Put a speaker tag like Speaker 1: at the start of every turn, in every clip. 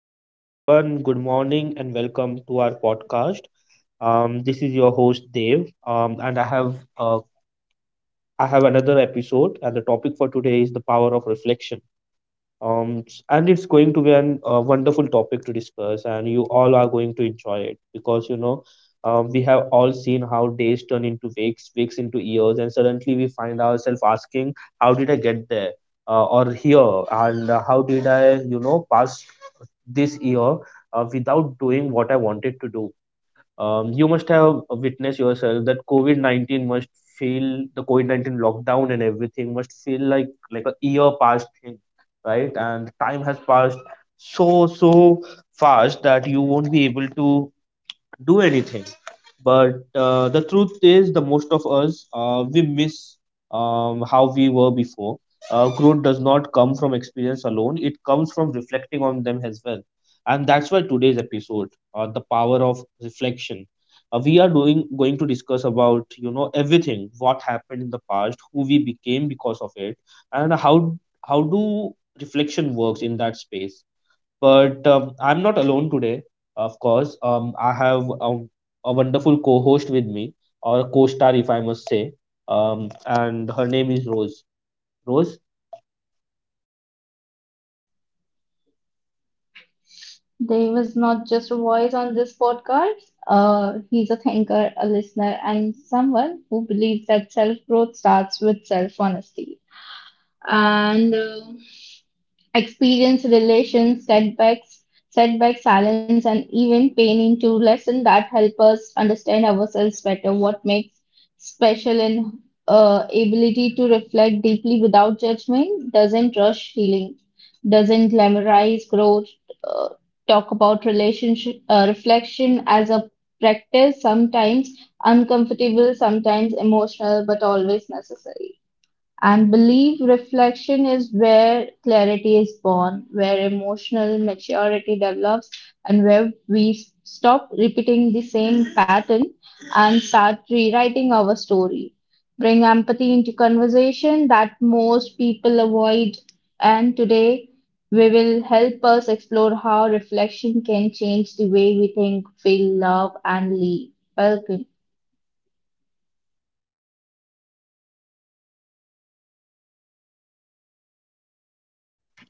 Speaker 1: Hello, hello everyone. Good morning and welcome to our podcast. This is your host Dave, and I have another episode, and the topic for today is the power of reflection. And it's going to be a wonderful topic to discuss, and you all are going to enjoy it because we have all seen how days turn into weeks, weeks into years, and suddenly we find ourselves asking, "How did I get there? Or here?" And how did I, pass this year without doing what I wanted to do? You must have witnessed yourself that COVID 19 must feel, the COVID 19 lockdown and everything must feel like a year past thing, right? And time has passed so fast that you won't be able to do anything, but the truth is the most of us, we miss how we were before. Growth does not come from experience alone, it comes from reflecting on them as well. And that's why today's episode, the power of reflection, we are doing going to discuss about, everything what happened in the past, who we became because of it and how do reflection works in that space. But I'm not alone today, of course. I have a wonderful co host with me, or co star, if I must say. And her name is Rose. Rose,
Speaker 2: Dave is not just a voice on this podcast. He's a thinker, a listener, and someone who believes that self growth starts with self honesty. And experience, relations, setbacks, setback silence, and even pain into lesson that help us understand ourselves better. What makes special in ability to reflect deeply without judgment doesn't rush healing, doesn't glamorize growth, uh, talk about relationship reflection as a practice, sometimes uncomfortable, sometimes emotional, but always necessary. And belief reflection is where clarity is born, where emotional maturity develops, and where we stop repeating the same pattern and start rewriting our story. Bring empathy into conversation that most people avoid. And today, we will help us explore how reflection can change the way we think, feel, love, and live. Welcome.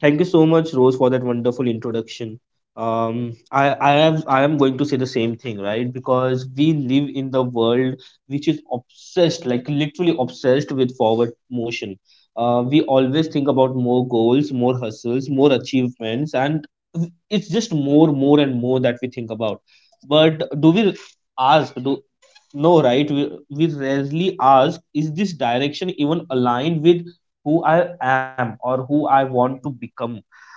Speaker 1: thank you so much, Rose, for that wonderful introduction. I am going to say the same thing, right? Because we live in the world which is obsessed, like literally obsessed with forward motion. We always think about more goals, more hustles, more achievements, and it's just more, more, and more that we think about. But do we ask? Do, no, right? We rarely ask, is this direction even aligned with who I am or who I want to become?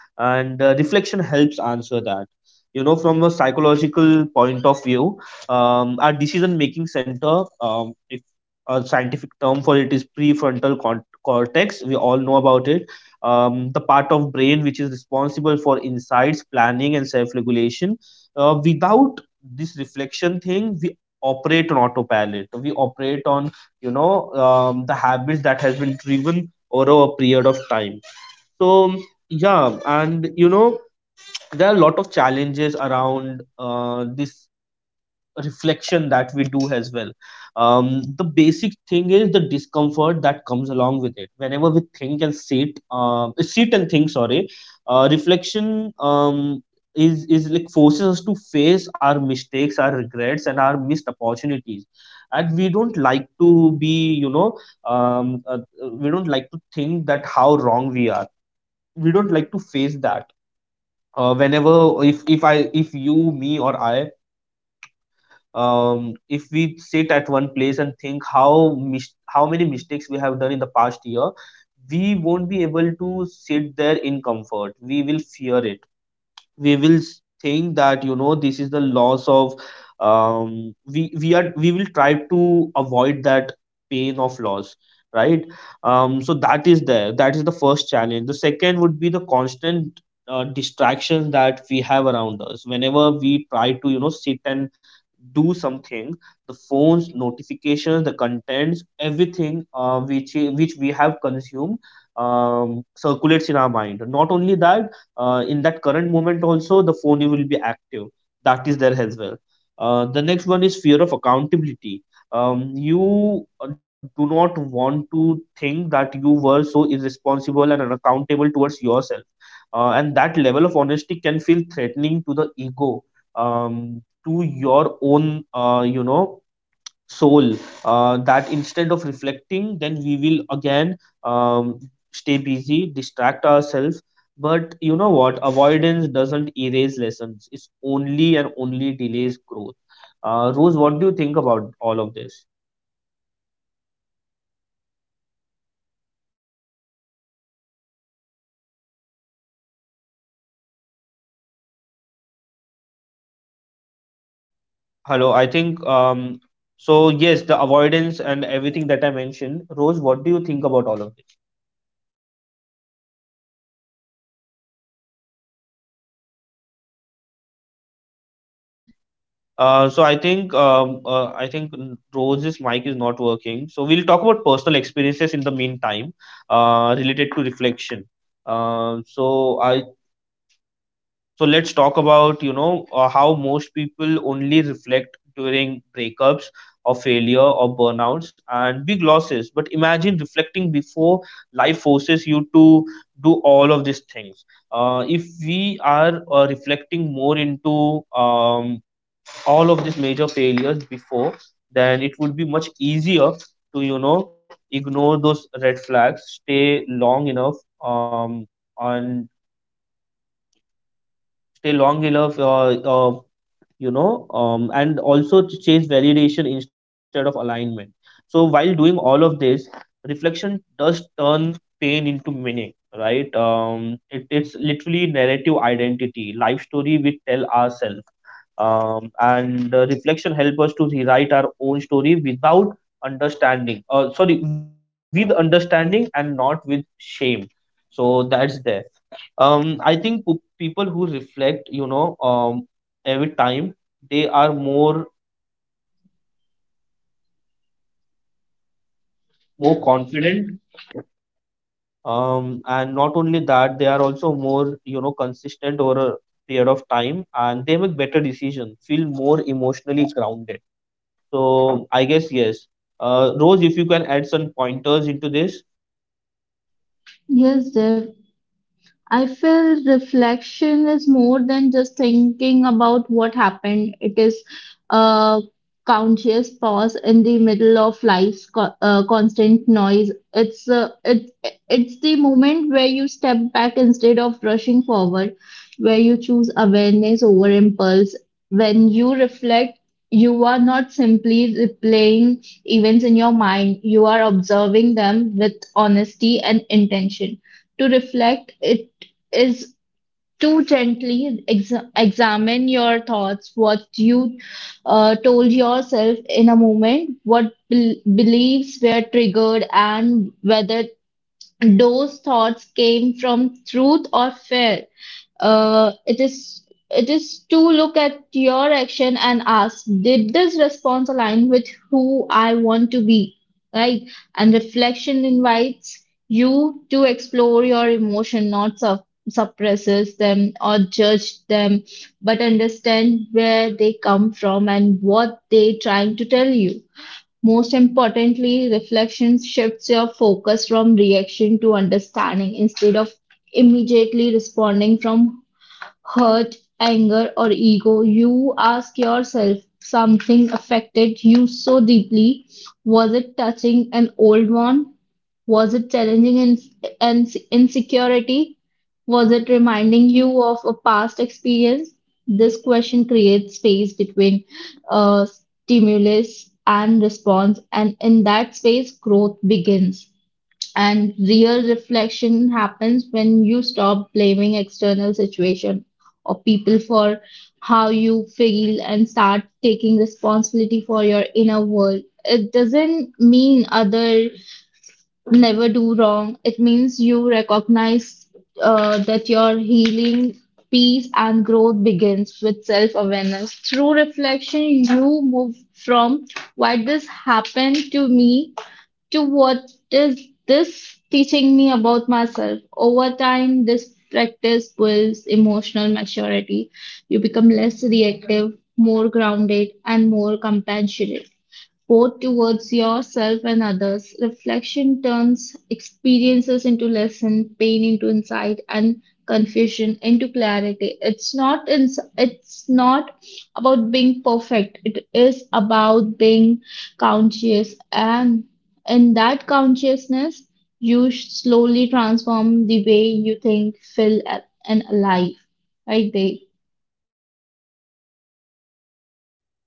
Speaker 1: And reflection helps answer that. You know, from a psychological point of view, our decision making center, if a scientific term for it is prefrontal cortex, we all know about it. The part of brain which is responsible for insights, planning, and self regulation. Without this reflection thing, we operate on autopilot. We operate on, the habits that has been driven over a period of time. So yeah, and you know there are a lot of challenges around this reflection that we do as well. Um, the basic thing is the discomfort that comes along with it whenever we think and sit, sit and think, sorry. Reflection is like forces us to face our mistakes, our regrets and our missed opportunities, and we don't like to be, we don't like to think that how wrong we are, we don't like to face that. Uh, whenever if you, me or I, if we sit at one place and think how many mistakes we have done in the past year, we won't be able to sit there in comfort, we will fear it. Think that, you know, this is the loss of, we are we will try to avoid that pain of loss, right? Um, so that is there, that is the first challenge. The second would be the constant distractions that we have around us whenever we try to, you know, sit and do something. The phones notifications, the contents, everything which we have consumed, circulates in our mind. Not only that, in that current moment also the phone you will be active, that is there as well. Uh, the next one is fear of accountability. Um, you do not want to think that you were so irresponsible and unaccountable towards yourself, and that level of honesty can feel threatening to the ego, to your own, you know, soul. That instead of reflecting, then we will again, um, stay busy, distract ourselves. But you know what, avoidance doesn't erase lessons, it's only and only delays growth. Uh, Rose, what do you think about all of this?
Speaker 2: Honestly, Dave, reflection is more than just thinking about.
Speaker 1: Hello, I think, so yes, the avoidance and everything that I mentioned, Rose, what do you think about all of this?
Speaker 2: Dave. Reflection is more than just thinking about.
Speaker 1: So I think, I think Rose's mic is not working. So we'll talk about personal experiences in the meantime, related to reflection. Um, so I, so let's talk about, you know, how most people only reflect during breakups or failure or burnouts and big losses. But imagine reflecting before life forces you to do all of these things. If we are reflecting more into, all of these major failures before, then it would be much easier to, you know, ignore those red flags, stay long enough, um, and stay long enough, uh, uh, you know, and also to chase validation instead of alignment. So while doing all of this, reflection does turn pain into meaning, right? Um, it's literally narrative identity, life story we tell ourselves. Um, and reflection help us to rewrite our own story without understanding, sorry, with understanding and not with shame, so that's there. Um, I think, people who reflect, you know, every time, they are more confident. Um, and not only that, they are also more, you know, consistent over a period of time and they make better decisions, feel more emotionally grounded. So I guess yes, Rose, if you can add some pointers into this.
Speaker 2: Yes, Dev. I feel reflection is more than just thinking about what happened. It is a conscious pause in the middle of life's constant noise. It's the moment where you step back instead of rushing forward, where you choose awareness over impulse. When you reflect, you are not simply replaying events in your mind. You are observing them with honesty and intention to reflect it is to gently examine your thoughts, what you told yourself in a moment, what beliefs were triggered, and whether those thoughts came from truth or fear. Uh, it is it is to look at your action and ask, did this response align with who I want to be? Right? And reflection invites you to explore your emotion, not suppresses them or judge them, but understand where they come from and what they trying to tell you. Most importantly, reflection shifts your focus from reaction to understanding. Instead of immediately responding from hurt, anger, or ego, you ask yourself something affected you so deeply. Was it touching an old one? Was it challenging an insecurity? Was it reminding you of a past experience? This question creates space between uh, stimulus and response, and in that space, growth begins. And real reflection happens when you stop blaming external situation or people for how you feel and start taking responsibility for your inner world. It doesn't mean other never do wrong. It means you recognize that your healing, peace, and growth begins with self-awareness. Through reflection, you move from why this happened to me to what is this teaching me about myself? Over time, this practice builds emotional maturity. You become less reactive, more grounded, and more compassionate, both towards yourself and others. Reflection turns experiences into lesson, pain into insight, and confusion into clarity. It's not about being perfect. It is about being conscious, and in that consciousness, you slowly transform the way you think, feel, and alive. Right, Dave?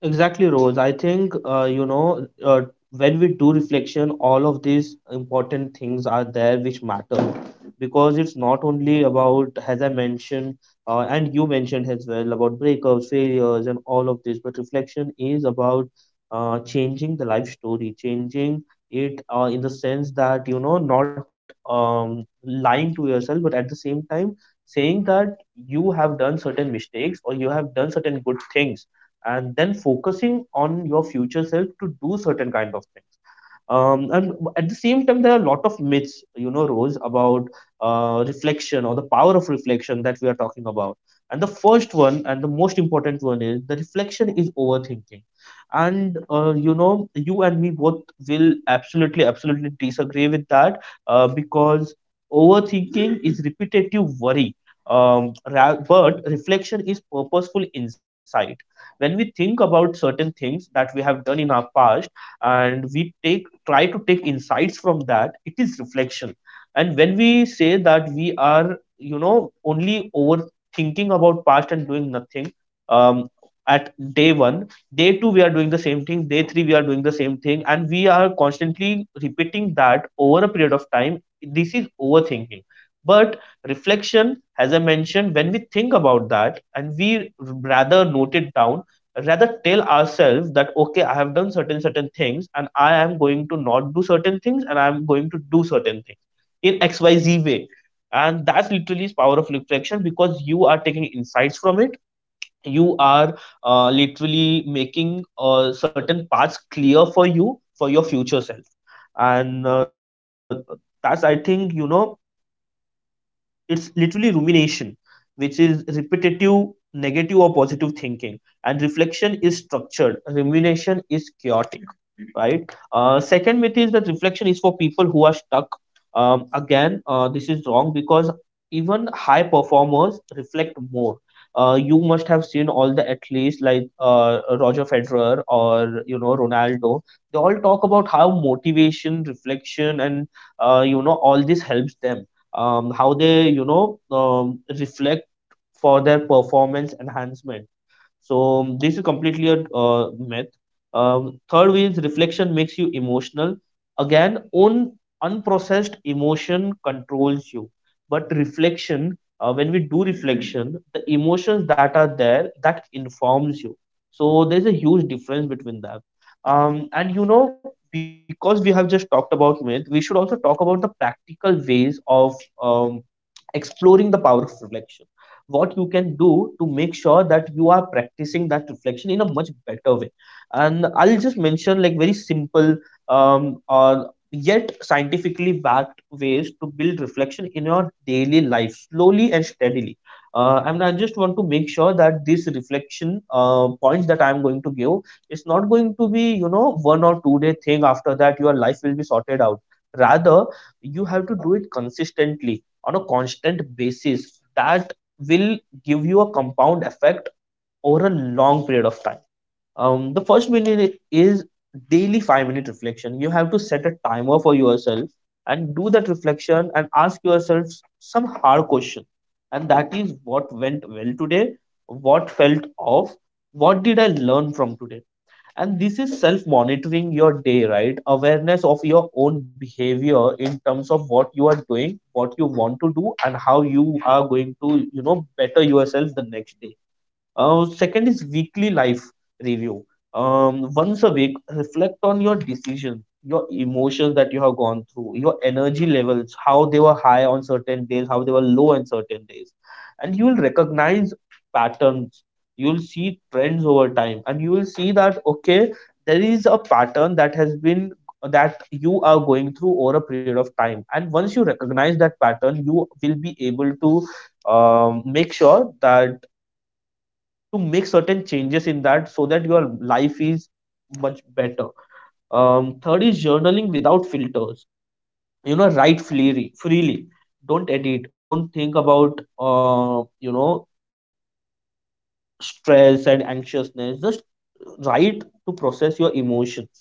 Speaker 1: Exactly, Rose. I think, you know, when we do reflection, all of these important things are there which matter, because it's not only about, as I mentioned, and you mentioned as well, about breakups, failures, and all of this, but reflection is about changing the life story, changing it in the sense that, you know, not lying to yourself, but at the same time, saying that you have done certain mistakes or you have done certain good things and then focusing on your future self to do certain kind of things. Um, and at the same time, there are a lot of myths, you know, Rose, about reflection or the power of reflection that we are talking about. And the first one and the most important one is the reflection is overthinking. And, you know, you and me both will absolutely, absolutely disagree with that because overthinking is repetitive worry. But reflection is purposeful insight. When we think about certain things that we have done in our past, and we take try to take insights from that, it is reflection. And when we say that we are, you know, only overthinking about past and doing nothing, um, at day 1, day 2 we are doing the same thing, day 3 we are doing the same thing and we are constantly repeating that over a period of time, this is overthinking. But reflection, as I mentioned, when we think about that and we rather note it down, rather tell ourselves that okay, I have done certain certain things and I am going to not do certain things and I am going to do certain things in xyz way, and that's literally is power of reflection because you are taking insights from it. You are literally making certain paths clear for you for your future self. And that's, I think, you know, it's literally rumination, which is repetitive negative or positive thinking. And reflection is structured, rumination is chaotic, right? Uh, second myth is that reflection is for people who are stuck. Um, again, this is wrong because even high performers reflect more. Uh, you must have seen all the athletes like, Roger Federer or you know Ronaldo, they all talk about how motivation, reflection and, you know, all this helps them. Um, how they, you know, reflect for their performance enhancement. So this is completely a, myth. Um, third way is reflection makes you emotional. Again, unprocessed emotion controls you. But reflection, when we do reflection, the emotions that are there, that informs you. So there's a huge difference between that. Um, and you know, because we have just talked about myth, we should also talk about the practical ways of, exploring the power of reflection, what you can do to make sure that you are practicing that reflection in a much better way. And I'll just mention like very simple, um, or yet scientifically backed ways to build reflection in your daily life slowly and steadily. Uh, and I just want to make sure that this reflection points that I'm going to give is not going to be 1 or 2 day thing after that your life will be sorted out. Rather, you have to do it consistently on a constant basis that will give you a compound effect over a long period of time. The first minute is daily 5 minute reflection. You have to set a timer for yourself and do that reflection and ask yourself some hard question. And that is what went well today, what felt off, what did I learn from today? And this is self monitoring your day, right? Awareness of your own behavior in terms of what you are doing, what you want to do, and how you are going to better yourself the next day. Second is weekly life review. Once a week, reflect on your decisions, your emotions that you have gone through, your energy levels, how they were high on certain days, how they were low on certain days. And you will recognize patterns. You will see trends over time, and you will see that, okay, there is a pattern that has been that you are going through over a period of time. And once you recognize that pattern, you will be able to make sure that to make certain changes in that so that your life is much better. Third is journaling without filters. You know, write freely. Freely. Don't edit. Don't think about stress and anxiousness. Just write to process your emotions.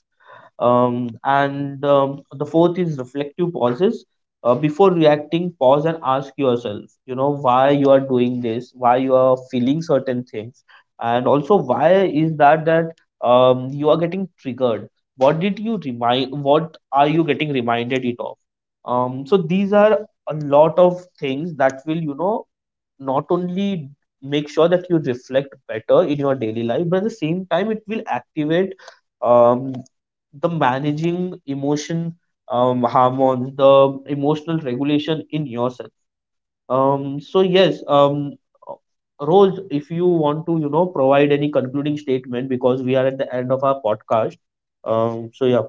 Speaker 1: And the fourth is reflective pauses. Before reacting, pause and ask yourself, why you are doing this, why you are feeling certain things, and also why is that you are getting triggered? What did you remind? What are you getting reminded it of? So these are a lot of things that will, not only make sure that you reflect better in your daily life, but at the same time, it will activate um, the managing emotion hormones, the emotional regulation in yourself. So yes, uh, Rose, if you want to, provide any concluding statement because we are at the end of our podcast. So yeah.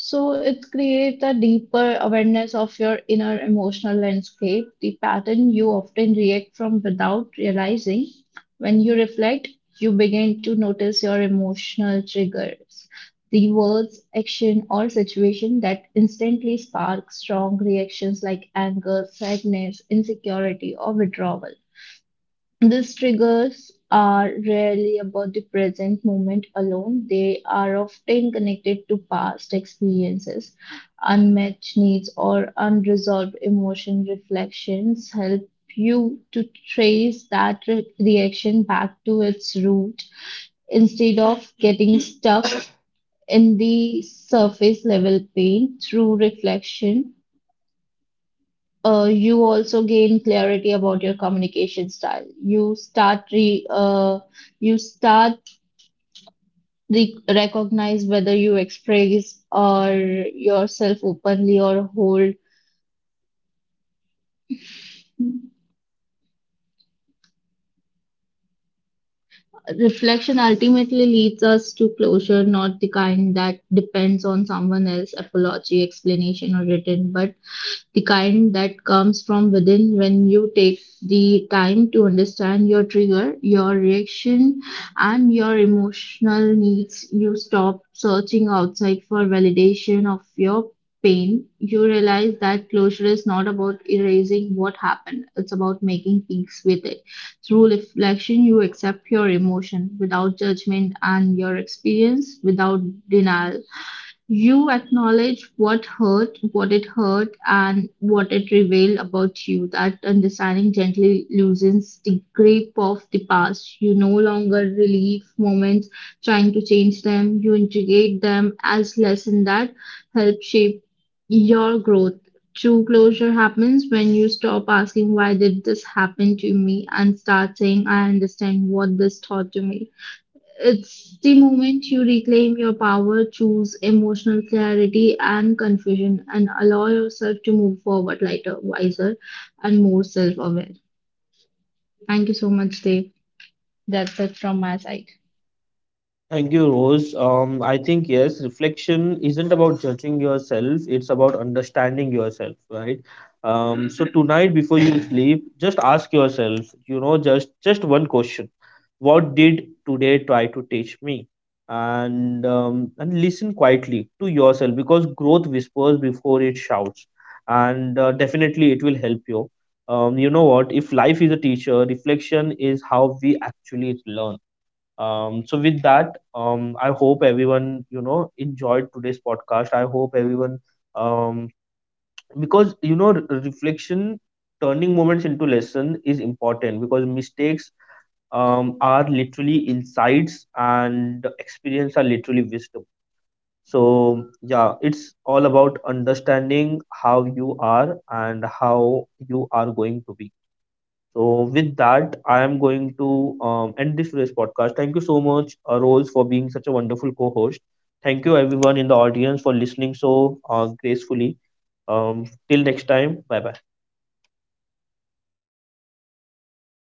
Speaker 2: So it creates a deeper awareness of your inner emotional landscape, the pattern you often react from without realizing. When you reflect, you begin to notice your emotional triggers, the words, action, or situation that instantly spark strong reactions like anger, sadness, insecurity, or withdrawal. These triggers are rarely about the present moment alone. They are often connected to past experiences, unmet needs, or unresolved emotion reflections. Help you to trace that reaction back to its root instead of getting stuck in the surface level pain. Through reflection, you also gain clarity about your communication style. You start recognize whether you express or yourself openly or hold. Reflection ultimately leads us to closure, not the kind that depends on someone else, apology, explanation, or written, but the kind that comes from within when you take the time to understand your trigger, your reaction, and your emotional needs. You stop searching outside for validation of your pain. You realize that closure is not about erasing what happened, it's about making peace with it. Through reflection, you accept your emotion without judgment and your experience without denial. You acknowledge what hurt, what it hurt, and what it revealed about you. That understanding gently loosens the grip of the past. You no longer relive moments trying to change them. You integrate them as lessons that help shape your growth. True closure happens when you stop asking, "Why did this happen to me?" and start saying, "I understand what this taught to me." It's the moment you reclaim your power, choose emotional clarity and confusion, and allow yourself to move forward lighter, wiser, and more self aware. Thank you so much, Dave. That's it from my side.
Speaker 1: Thank you, Rose. I think yes, reflection isn't about judging yourself, it's about understanding yourself, right? So tonight before you sleep, just ask yourself, just one question. What did today try to teach me? And listen quietly to yourself because growth whispers before it shouts. And definitely it will help you. You know what? If life is a teacher, reflection is how we actually learn. So with that, I hope everyone enjoyed today's podcast. I hope everyone um, because reflection, turning moments into lesson is important because mistakes are literally insights and experience are literally wisdom. So yeah, it's all about understanding how you are and how you are going to be. So with that, I am going to end this today's podcast. Thank you so much, Rose, for being such a wonderful co-host. Thank you everyone in the audience for listening so gracefully. Till next time, bye bye.